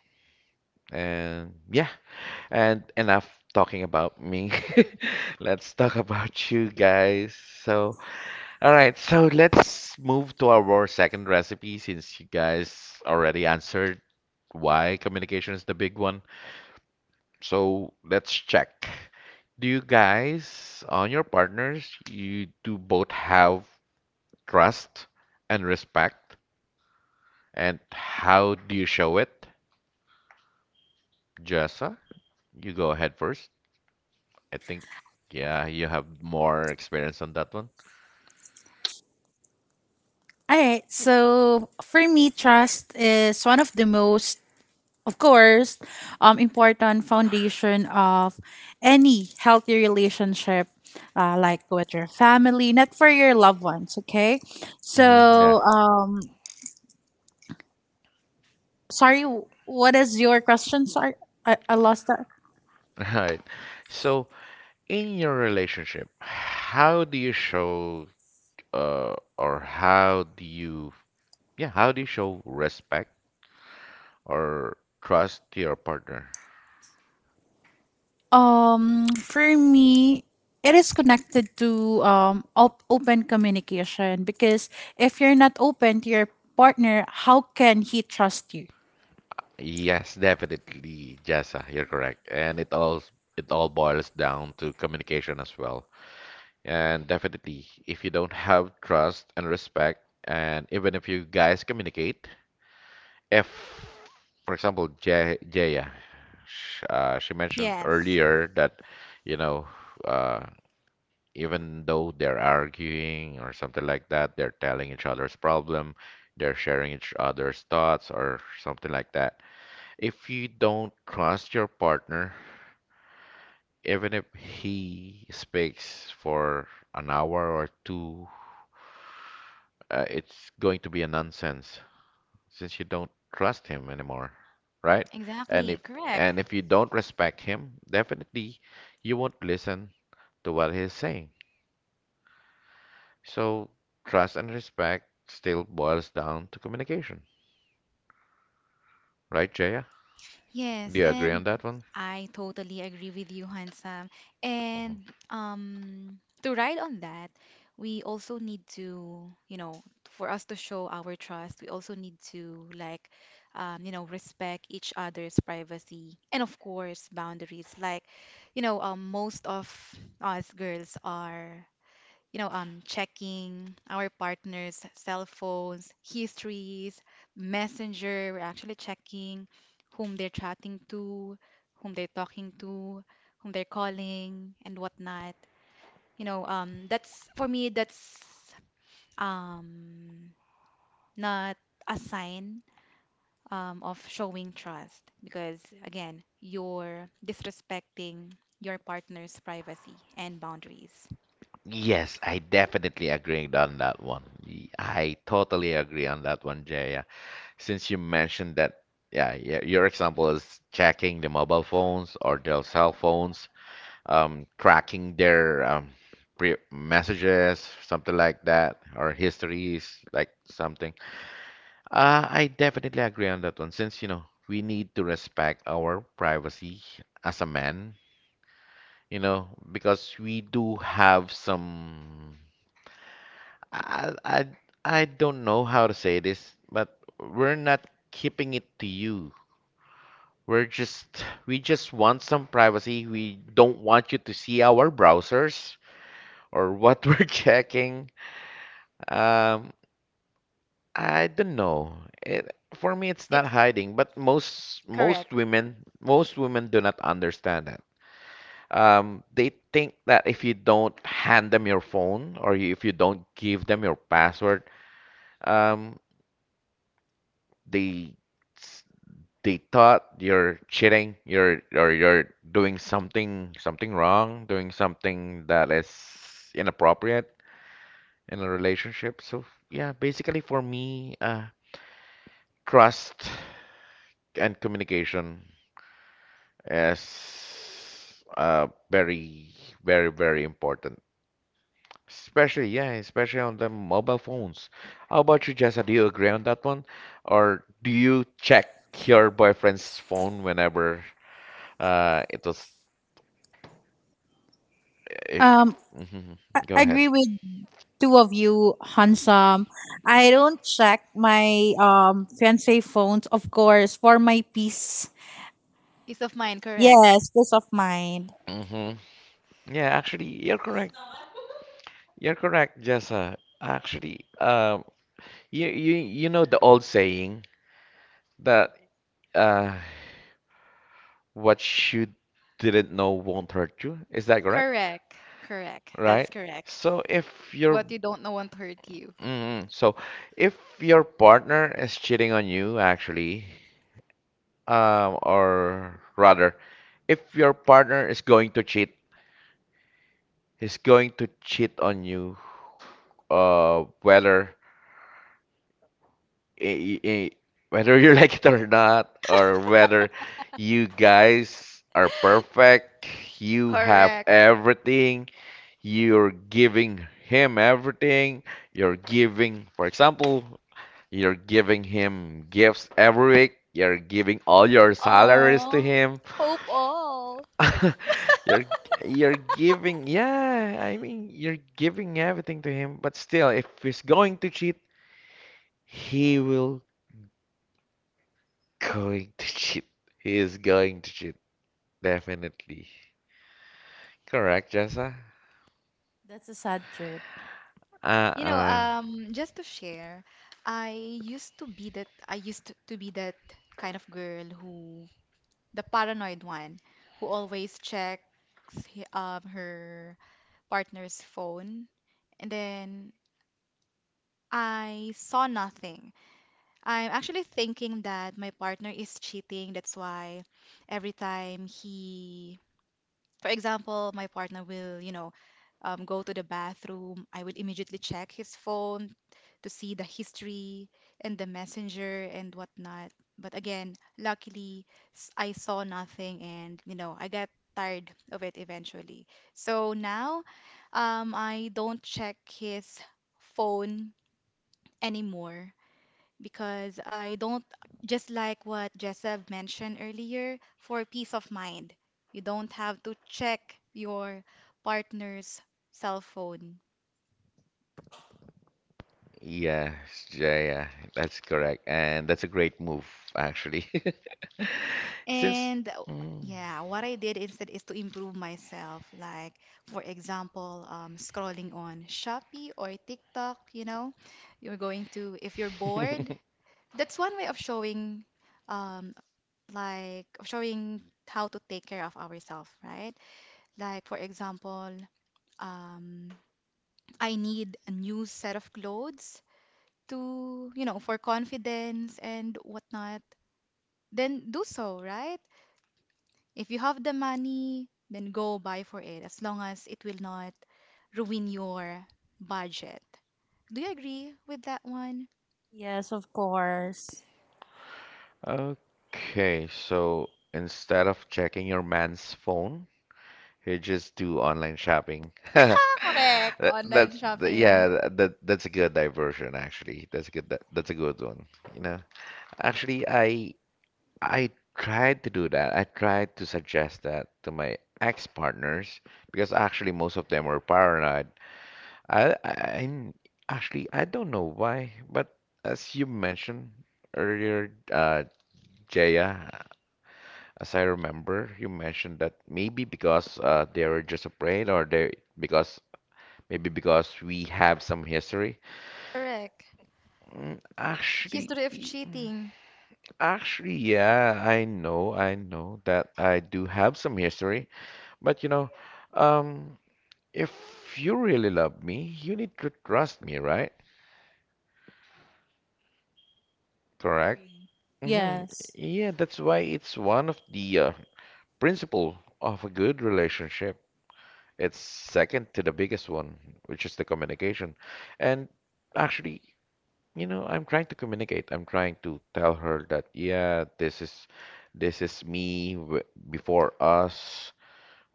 A: And yeah, and enough talking about me. Let's talk about you guys. So, all right, so let's move to our second recipe since you guys already answered why communication is the big one. So, let's check. Do you guys on your partners, you do both have trust and respect? And how do you show it? Jessa, you go ahead first. I think, yeah, you have more experience on that one.
C: All right. So, for me, trust is one of the most, of course, um, important foundation of any healthy relationship, uh, like with your family, not for your loved ones. Okay,
A: Hmm, yeah.
C: so, um, sorry, w- what is your question? Sorry, I, I lost that.
A: All right. So, in your relationship, how do you show, uh, or how do you, yeah, how do you show respect or trust to your partner?
C: Um, for me, it is connected to um op- open communication, because if you're not open to your partner, how can he trust you?
A: Yes, definitely, Jessa, you're correct. And it all it all boils down to communication as well. And definitely, if you don't have trust and respect, and even if you guys communicate, if, for example, Je Jaya, sh uh, she mentioned
D: Yes,
A: earlier that, you know, uh, even though they're arguing or something like that, they're telling each other's problem, they're sharing each other's thoughts or something like that. If you don't trust your partner, even if he speaks for an hour or two, uh, it's going to be a nonsense since you don't trust him anymore, right? And
D: exactly.
A: if
D: Correct.
A: and if you don't respect him, definitely you won't listen to what he's saying. So trust and respect still boils down to communication, right, Jaya?
D: Yes,
A: Do you agree
D: and
A: on that one?
D: I totally agree with you, Handsome. And um, to ride on that, we also need to, you know, for us to show our trust, we also need to, like, um, you know, respect each other's privacy and of course boundaries. Like, you know, um, most of us girls are, you know, um, checking our partner's cell phones, histories, messenger. We're actually checking whom they're chatting to, whom they're talking to, whom they're calling, and whatnot. You know, um, that's, for me, that's, um, not a sign, um, of showing trust, because, again, you're disrespecting your partner's privacy and boundaries.
A: Yes, I definitely agree on that one. Y- I totally agree on that one, Jaya. Since you mentioned that, yeah, y- your example is checking the mobile phones or their cell phones, um, tracking their um, pre messages, something like that, or histories, like something. Uh, I definitely agree on that one. Since, you know, we need to respect our privacy as a man, you know, because we do have some. I, I, I don't know how to say this, but we're not keeping it to you. We're just, we just want some privacy. We don't want you to see our browsers or what we're checking. Um, I don't know. It, for me, it's
D: It's
A: not hiding, but most most
D: correct.
A: women, most women do not understand that. Um, they think that if you don't hand them your phone or if you don't give them your password, um, they they thought you're cheating, you're or you're doing something something wrong, doing something that is inappropriate in a relationship. So yeah, basically for me, uh, trust and communication is uh, very very very important. Especially yeah, especially on the mobile phones. How about you, Jessa? Do you agree on that one, or do you check your boyfriend's phone whenever? Uh, it was If
C: Um,
A: Hmm,
C: I
A: go ahead.
C: agree with two of you, handsome. I don't check my um fiance phones, of course, for my peace.
D: Peace of mind, correct.
C: Yes, peace of mind.
A: Hmm, yeah, actually, you're correct. You're correct, Jessa. Actually, um, you you you know the old saying that uh, what you didn't know won't hurt you. Is that correct?
D: Correct. Correct.
A: Right?
D: That's correct.
A: So if your
D: What you don't know won't hurt you.
A: mm, so if your partner is cheating on you, actually, um, or rather, if your partner is going to cheat, is going to cheat on you, uh, whether i- i- whether you like it or not, or whether you guys are perfect, you have
D: Correct.
A: everything, you're giving him everything, you're giving, for example, you're giving him gifts every week, you're giving all your salaries to
D: Oh,
A: him,
D: hope all.
A: you're you're giving, yeah, I mean, you're giving everything to him, but still, if he's going to cheat, he will Going to cheat. He is going to cheat. Definitely. Correct, Jessa?
C: That's a sad trip.
D: You know,
A: Uh-uh.
D: um, just to share, I used to be that I used to be that kind of girl who, the paranoid one, who always checks he- um her partner's phone, and then I saw nothing. I'm actually thinking that my partner is cheating. That's why every time he, for example, my partner will, you know, um, go to the bathroom, I will immediately check his phone to see the history and the messenger and whatnot. But again, luckily, s- I saw nothing, and, you know, I got tired of it eventually. So now, um, I don't check his phone anymore, because I don't, just like what Jessev mentioned earlier, for peace of mind, you don't have to check your partner's cell phone.
A: Yes, yeah, yeah, that's correct. And that's a great move, actually. Since.
D: And uh,
A: Mm.
D: yeah, what I did instead is to improve myself. Like, for example, um, scrolling on Shopee or TikTok, you know, you're going to, if you're bored, that's one way of showing, um, like, of showing how to take care of ourselves, right? Like, for example, um, I need a new set of clothes to, you know, for confidence and whatnot, then do so, right? If you have the money, then go buy for it, as long as it will not ruin your budget. Do you agree with that one?
C: Yes, of course.
A: Okay, so instead of checking your man's phone, you just do online shopping.
D: Correct.
A: That,
D: Online
A: that's the-
D: shopping.
A: yeah, that that's a good diversion actually. That's a good that, that's a good one. You know, actually, I I tried to do that. I tried to suggest that to my ex-partners because actually most of them were paranoid. I, I I- actually I don't know why, but as you mentioned earlier, uh, Jaya, as I remember, you mentioned that maybe because uh, they were just afraid, or they because maybe because we have some history.
D: Correct.
A: Mm, Actually,
D: History of
A: y- mm,
D: cheating.
A: actually, yeah, I know, I know that I do have some history. But you know, um, if you really love me, you need to trust me, right? Correct?
C: Agree.
A: Hmm,
C: Yes.
A: yeah, that's why it's one of the uh, principle of a good relationship. It's second to the biggest one, which is the communication. And actually, you know, I'm trying to communicate. I'm trying to tell her that, yeah, this is this is me w before us,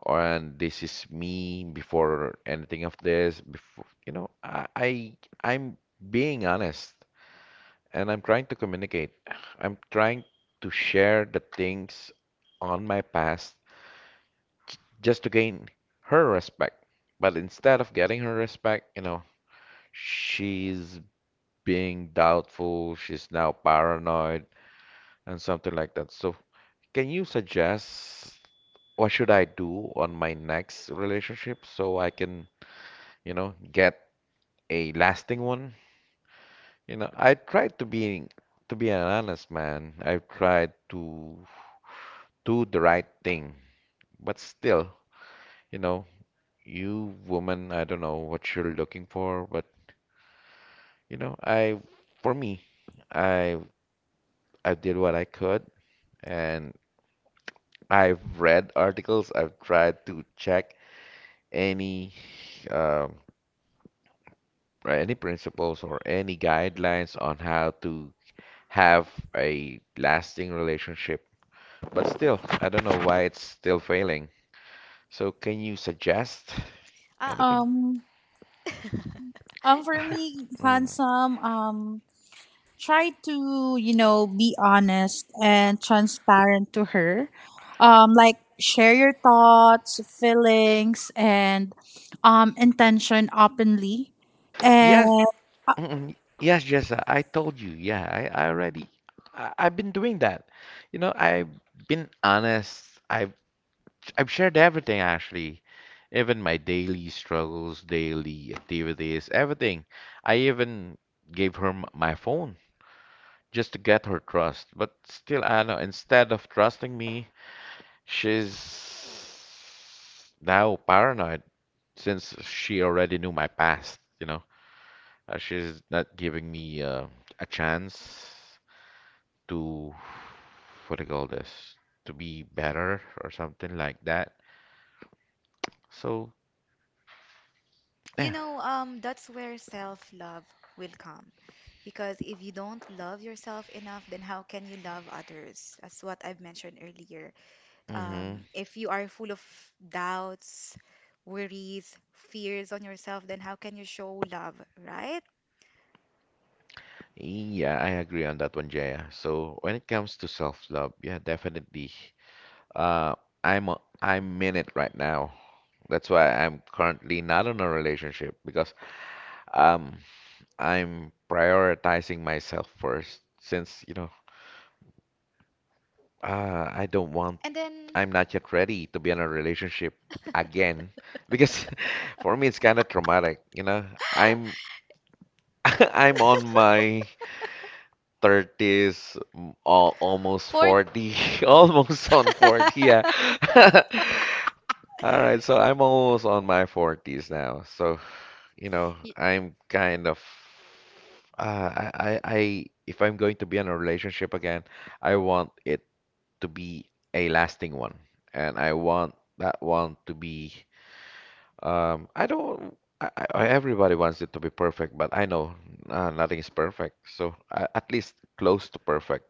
A: and this is me before anything of this before you know I, I I'm being honest and I'm trying to communicate, I'm trying to share the things on my past just to gain her respect, but instead of getting her respect, you know, she's being doubtful, she's now paranoid and something like that. So can you suggest what should I do on my next relationship so I can, you know, get a lasting one. You know, I tried to be to be an honest man. I've tried to do the right thing, but still, you know, you woman, I don't know what you're looking for, but you know, I for me, I I did what I could, and I've read articles, I've tried to check any um, or any principles or any guidelines on how to have a lasting relationship. But still, I don't know why it's still failing. So can you suggest
D: Ah,
A: anything?
C: Um um for me,
A: Mm.
C: handsome, um try to, you know, be honest and transparent to her, um like share your thoughts, feelings, and um intention openly, and
A: Yes, mm, yes, Jessa, I told you. Yeah, I, I already, I, I've been doing that. You know, I've been honest. I've, I've shared everything actually, even my daily struggles, daily activities, everything. I even gave her m- my phone just to get her trust. But still, I know instead of trusting me, she's now paranoid since she already knew my past, you know. Uh, she's not giving me uh, a chance to, what do you call this, to be better or something like that. So,
D: You
A: yeah.
D: know, um, that's where self-love will come. Because if you don't love yourself enough, then how can you love others? That's what I've mentioned earlier.
A: Hmm,
D: Um, if you are full of doubts, worries, fears on yourself, then how can you show love, right?
A: yeah, I agree on that one, Jaya. So, when it comes to self-love, yeah, definitely. Uh, I'm a, I'm in it right now. That's why I'm currently not in a relationship because um I'm prioritizing myself first since, you know, uh, I don't want,
D: And then,
A: I'm not yet ready to be in a relationship again because for me it's kind of traumatic, you know. I'm I'm on my thirties, m- al- almost forty, almost on forty, yeah. All right, so I'm almost on my forties now. So you know,
D: Y-
A: I'm kind of uh, I, I I if I'm going to be in a relationship again, I want it to be a lasting one, and I want that one to be um I don't I, I, everybody wants it to be perfect, but I know uh, nothing is perfect, so uh, at least close to perfect.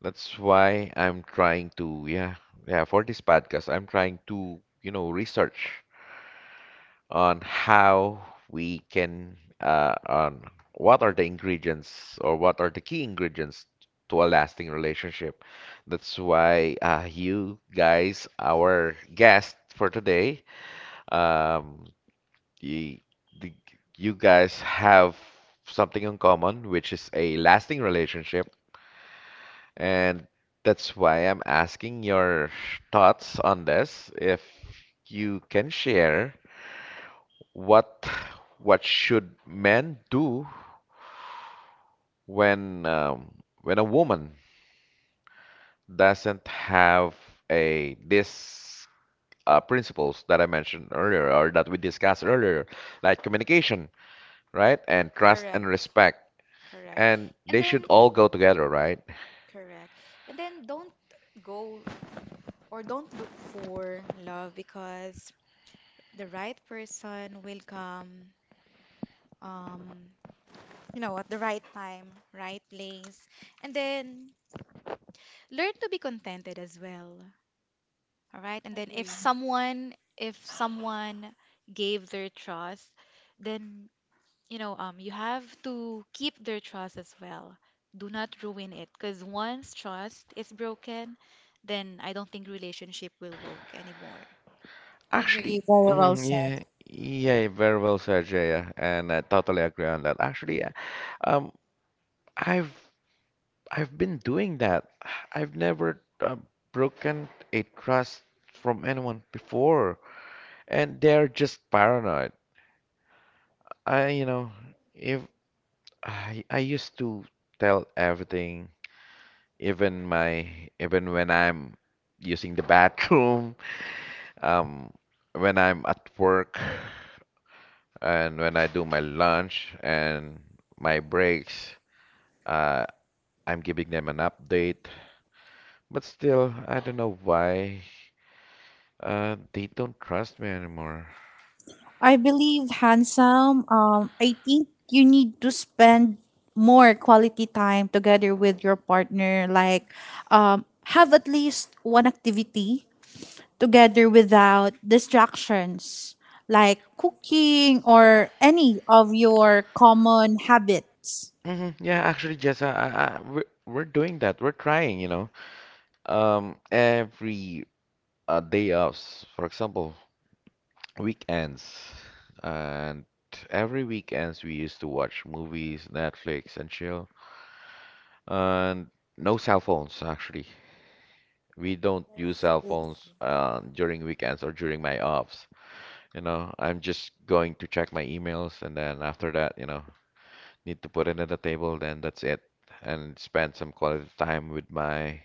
A: That's why I'm trying to yeah yeah for this podcast I'm trying to, you know, research on how we can, uh, on what are the ingredients or what are the key ingredients to a lasting relationship. That's why uh, you guys, our guest for today, um, you, the, you guys have something in common, which is a lasting relationship. And that's why I'm asking your thoughts on this. If you can share what what should men do when um, when a woman doesn't have a this uh, principles that I mentioned earlier or that we discussed earlier, like communication, right, and trust and
D: Correct,
A: respect,
D: correct,
A: and
D: and
A: they
D: then,
A: should all go together, right?
D: correct. And then don't go or don't look for love, because the right person will come. Um, you know what, the right time, right place, and then learn to be contented as well. All right, and then if
C: agree.
D: someone if someone gave their trust, then, you know, um you have to keep their trust as well. Do not ruin it, because once trust is broken, then I don't think relationship will work anymore.
A: Actually,
C: Agree, very well
A: mhm,
C: said.
A: yeah. Yeah, very well said, Jaya, and I totally agree on that. Actually, uh, um, I've I've been doing that. I've never uh, broken a trust from anyone before, and they're just paranoid. I, you know, if I, I used to tell everything, even my, even when I'm using the bathroom, um, when I'm at work, and when I do my lunch and my breaks, uh, I'm giving them an update. But still, I don't know why. Uh, they don't trust me anymore.
C: I believe, handsome, um I think you need to spend more quality time together with your partner, like, um have at least one activity together without distractions, like cooking or any of your common habits.
A: Hmm, yeah, actually, Jess, I, I, I- we're, we're doing that. We're trying, you know. Um, every uh, day offs, for example, weekends, and every weekends we used to watch movies, Netflix, and chill. And no cell phones, actually. We don't use cell phones um, during weekends or during my offs. You know, I'm just going to check my emails, and then after that, you know, need to put it at the table, then that's it. And spend some quality time with my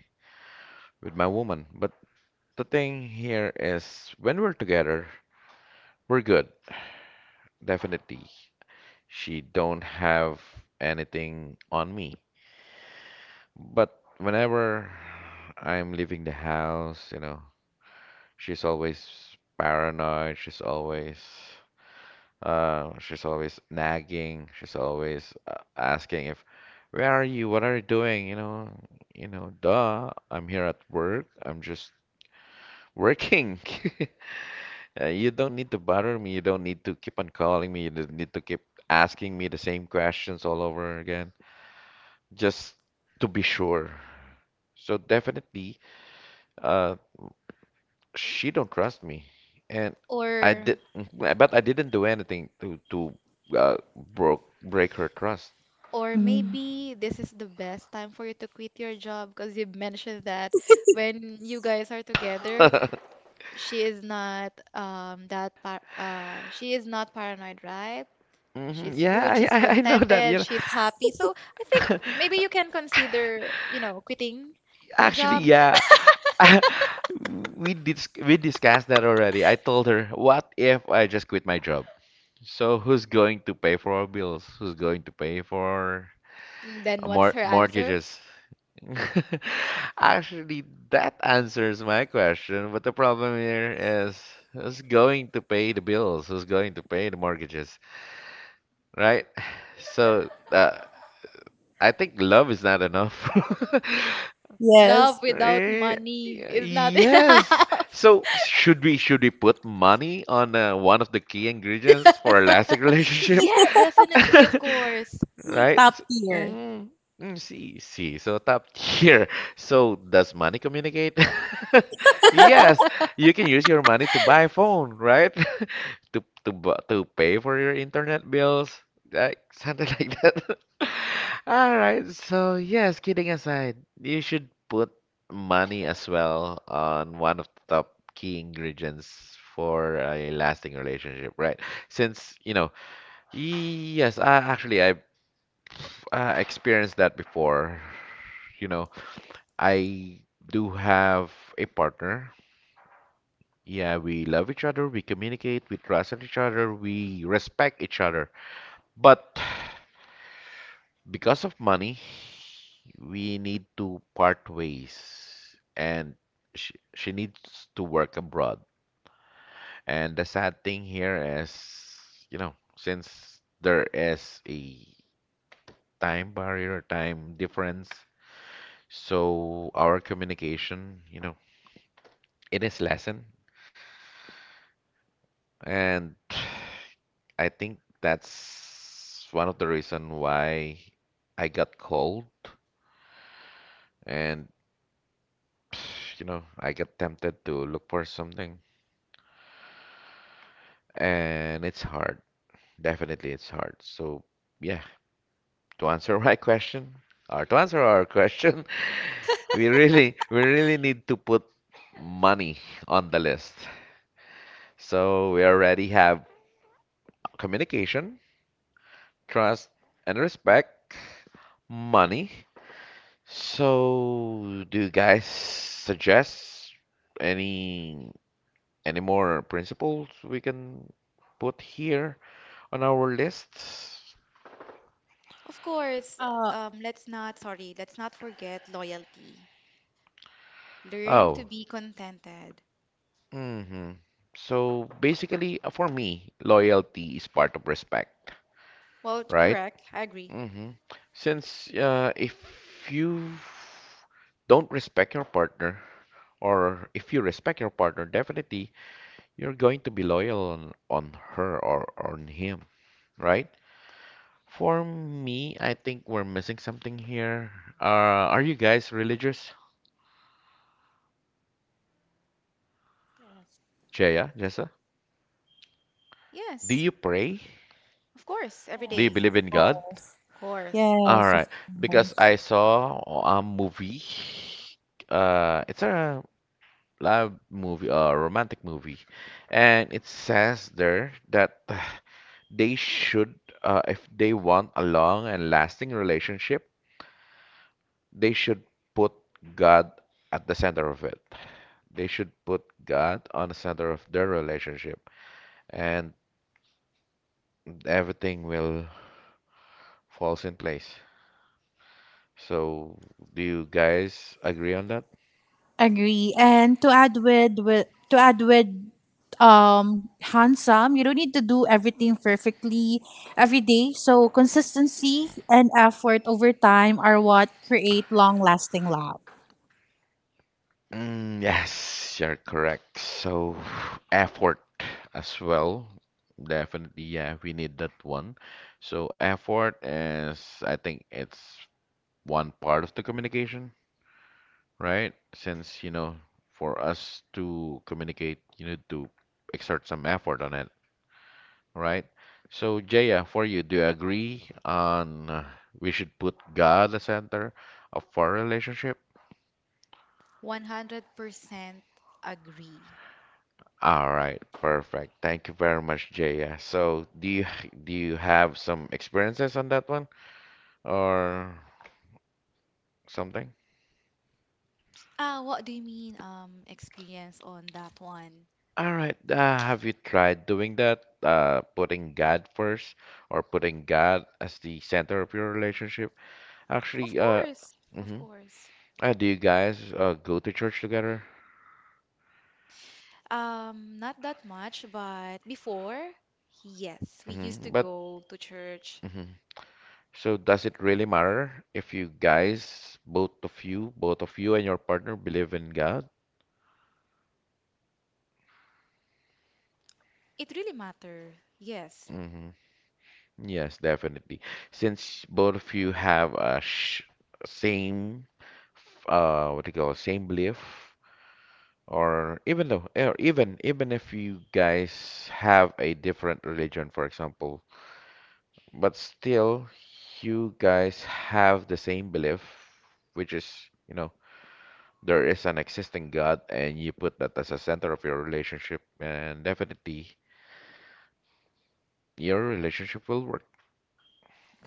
A: with my woman. But the thing here is when we're together, we're good, definitely. She don't have anything on me. But whenever I'm leaving the house, you know, she's always paranoid, she's always Uh, she's always nagging. She's always uh, asking, if, where are you? What are you doing? You know, you know, duh. I'm here at work. I'm just working. Uh, You don't need to bother me. You don't need to keep on calling me. You don't need to keep asking me the same questions all over again, just to be sure. So definitely, uh, she don't trust me, and I
D: Or
A: did, but I didn't do anything to to uh, broke break her trust.
D: or
C: Mm,
D: maybe this is the best time for you to quit your job, because you mentioned that when you guys are together, she is not, um that par- uh she is not paranoid, right?
A: Hmm.
D: She's
A: Yeah,
D: good,
A: I,
D: she's
A: I I know that, you
D: contented,
A: know.
D: she's happy. So I think maybe you can consider, you know, quitting your
A: Actually,
D: job.
A: yeah. We dis we discussed that already. I told her, what if I just quit my job? So who's going to pay for our bills? Who's going to pay for
D: And
A: uh,
D: then
A: mor
D: what's her answer?
A: mortgages? Actually, that answers my question, but the problem here is who's going to pay the bills? Who's going to pay the mortgages? Right? So uh, I think love is not enough.
C: yes,
D: Love without
A: Eh,
D: money is not
A: Yes.
D: enough.
A: So should we should we put money on uh, one of the key ingredients for a lasting relationship?
D: Yeah, definitely, of course.
A: Right?
C: top
A: S-
C: tier.
A: mhm. Mm, see, see. So top tier. So does money communicate? Yes, you can use your money to buy a phone, right? To to bu- to pay for your internet bills, like something like that. All right, so yes, kidding aside, you should put money as well on one of the top key ingredients for a lasting relationship, right? Since, you know, yes, I actually I've uh, experienced that before. You know, I do have a partner. Yeah, we love each other, we communicate, we trust each other, we respect each other. But because of money, we need to part ways, and she, she needs to work abroad. And the sad thing here is, you know, since there is a time barrier, time difference, so our communication, you know, it is lessened. And I think that's one of the reason why I got cold and you know, I get tempted to look for something and it's hard. Definitely, it's hard. So, yeah, to answer my question, or to answer our question, we really, we really need to put money on the list. So we already have communication, trust, and respect, money. So, do you guys suggest any any more principles we can put here on our list?
D: Of course.
C: Uh,
D: Um let's not, sorry, let's not forget loyalty. Learn to
A: Oh,
D: be contented.
A: hmm. So basically, uh, for me, loyalty is part of respect,
D: Well,
A: right?
D: correct, I agree.
A: Hmm. Since uh, if you don't respect your partner, or if you respect your partner, definitely you're going to be loyal on, on her or on him, right? For me, I think we're missing something here. Uh, are you guys religious?
C: yes,
A: Jaya, Jessa, do
D: Yes,
A: you pray?
D: of course, every
A: Do you
D: day.
C: yes, of
A: believe in God?
C: course.
D: Of course.
A: All
C: Yes,
A: right,
C: of
A: because
C: course.
A: I saw a movie. Uh, it's a love movie, a romantic movie, and it says there that they should, uh, if they want a long and lasting relationship, they should put God at the center of it. They should put God on the center of their relationship, and everything will falls in place. So, do you guys agree on that?
C: Agree. And to add with, with to add with, um handsome, you don't need to do everything perfectly every day. So consistency and effort over time are what create long lasting love.
A: Mm, yes, you're correct. So, effort as well. Definitely, yeah, we need that one. So, effort is, I think it's one part of the communication, right? Since, you know, for us to communicate, you need to exert some effort on it, right? So, Jaya, for you, do you agree on uh, we should put God at the center of our relationship?
D: one hundred percent agree.
A: All right, perfect. Thank you very much, Jaya. So, do you do you have some experiences on that one or something?
D: Ah, what do you mean, um, experience on that one?
A: All right. Uh, have you tried doing that? Uh, putting God first or putting God as the center of your relationship?
D: Of
A: Actually, uh,
D: course, of
A: mhm.
D: course.
A: Uh, do you guys uh, go to church together?
D: Um, not that much, but before, yes, we
A: Hmm.
D: used to
A: But
D: go to church.
A: mhm. So does it really matter if you guys, both of you, both of you and your partner believe in God?
D: It really matter. Yes.
A: Hmm. Yes, definitely. Since both of you have a sh same, f- uh, what do you call, same belief, or even though, or even even if you guys have a different religion, for example, but still you guys have the same belief, which is, you know, there is an existing God, and you put that as a center of your relationship, and definitely your relationship will work.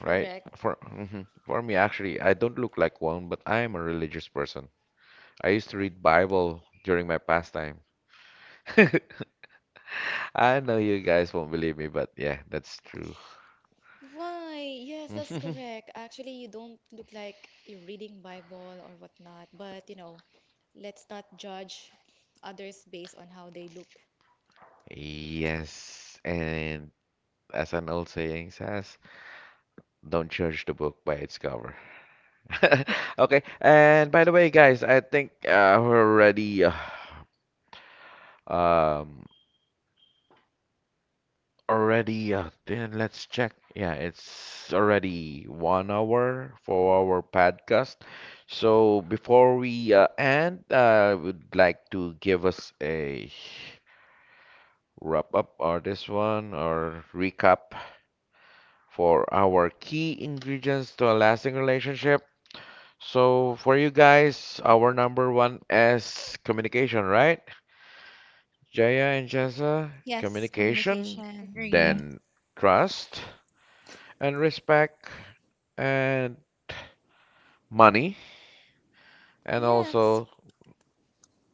A: Right? For
D: Correct.
A: mhm. For me, actually, I don't look like one, but I am a religious person. I used to read Bible during my pastime. I know you guys won't believe me, but yeah, that's true.
D: Why? Yes, that's correct. Actually, you don't look like you're reading Bible or whatnot, but you know, let's not judge others based on how they look.
A: Yes, and as an old saying says, don't judge the book by its cover. Okay, and by the way, guys, I think uh, we're already uh, um already uh, then let's check, yeah, it's already one hour for our podcast, so before we uh, end, uh, I would like to give us a wrap up, or this one, or recap for our key ingredients to a lasting relationship. So for you guys our number one is communication, right? Jaya and Jessa.
D: Yes,
A: Communication,
D: communication.
C: Agree.
A: then trust and respect, and money, and also
D: Yes,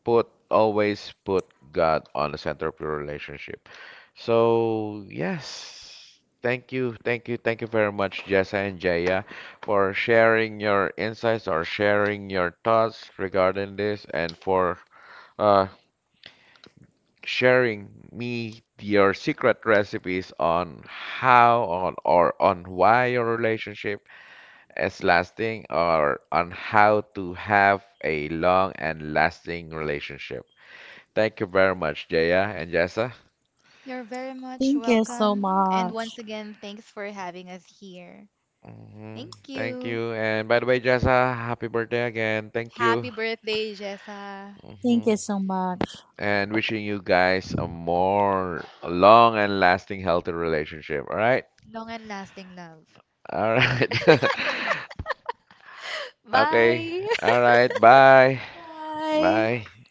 A: put always put God on the center of your relationship. So yes, thank you, thank you, thank you very much, Jessa and Jaya, for sharing your insights or sharing your thoughts regarding this, and for uh, sharing me your secret recipes on how on or on why your relationship is lasting, or on how to have a long and lasting relationship. Thank you very much, Jaya and Jessa.
D: you're very much
C: Thank you so
D: welcome. And once
C: much.
D: again, thanks for having us here.
A: Hmm.
D: Thank
A: Thank
D: you.
A: you. And by the way, Jessa, happy birthday again. Thank you.
D: Happy birthday, Jessa.
C: Thank
A: Hmm.
C: you so much.
A: And wishing you guys a more long and lasting healthy relationship. All right?
D: Long and lasting love.
A: All right. Okay.
D: Bye!
A: All right. Bye.
C: Bye.
A: Bye.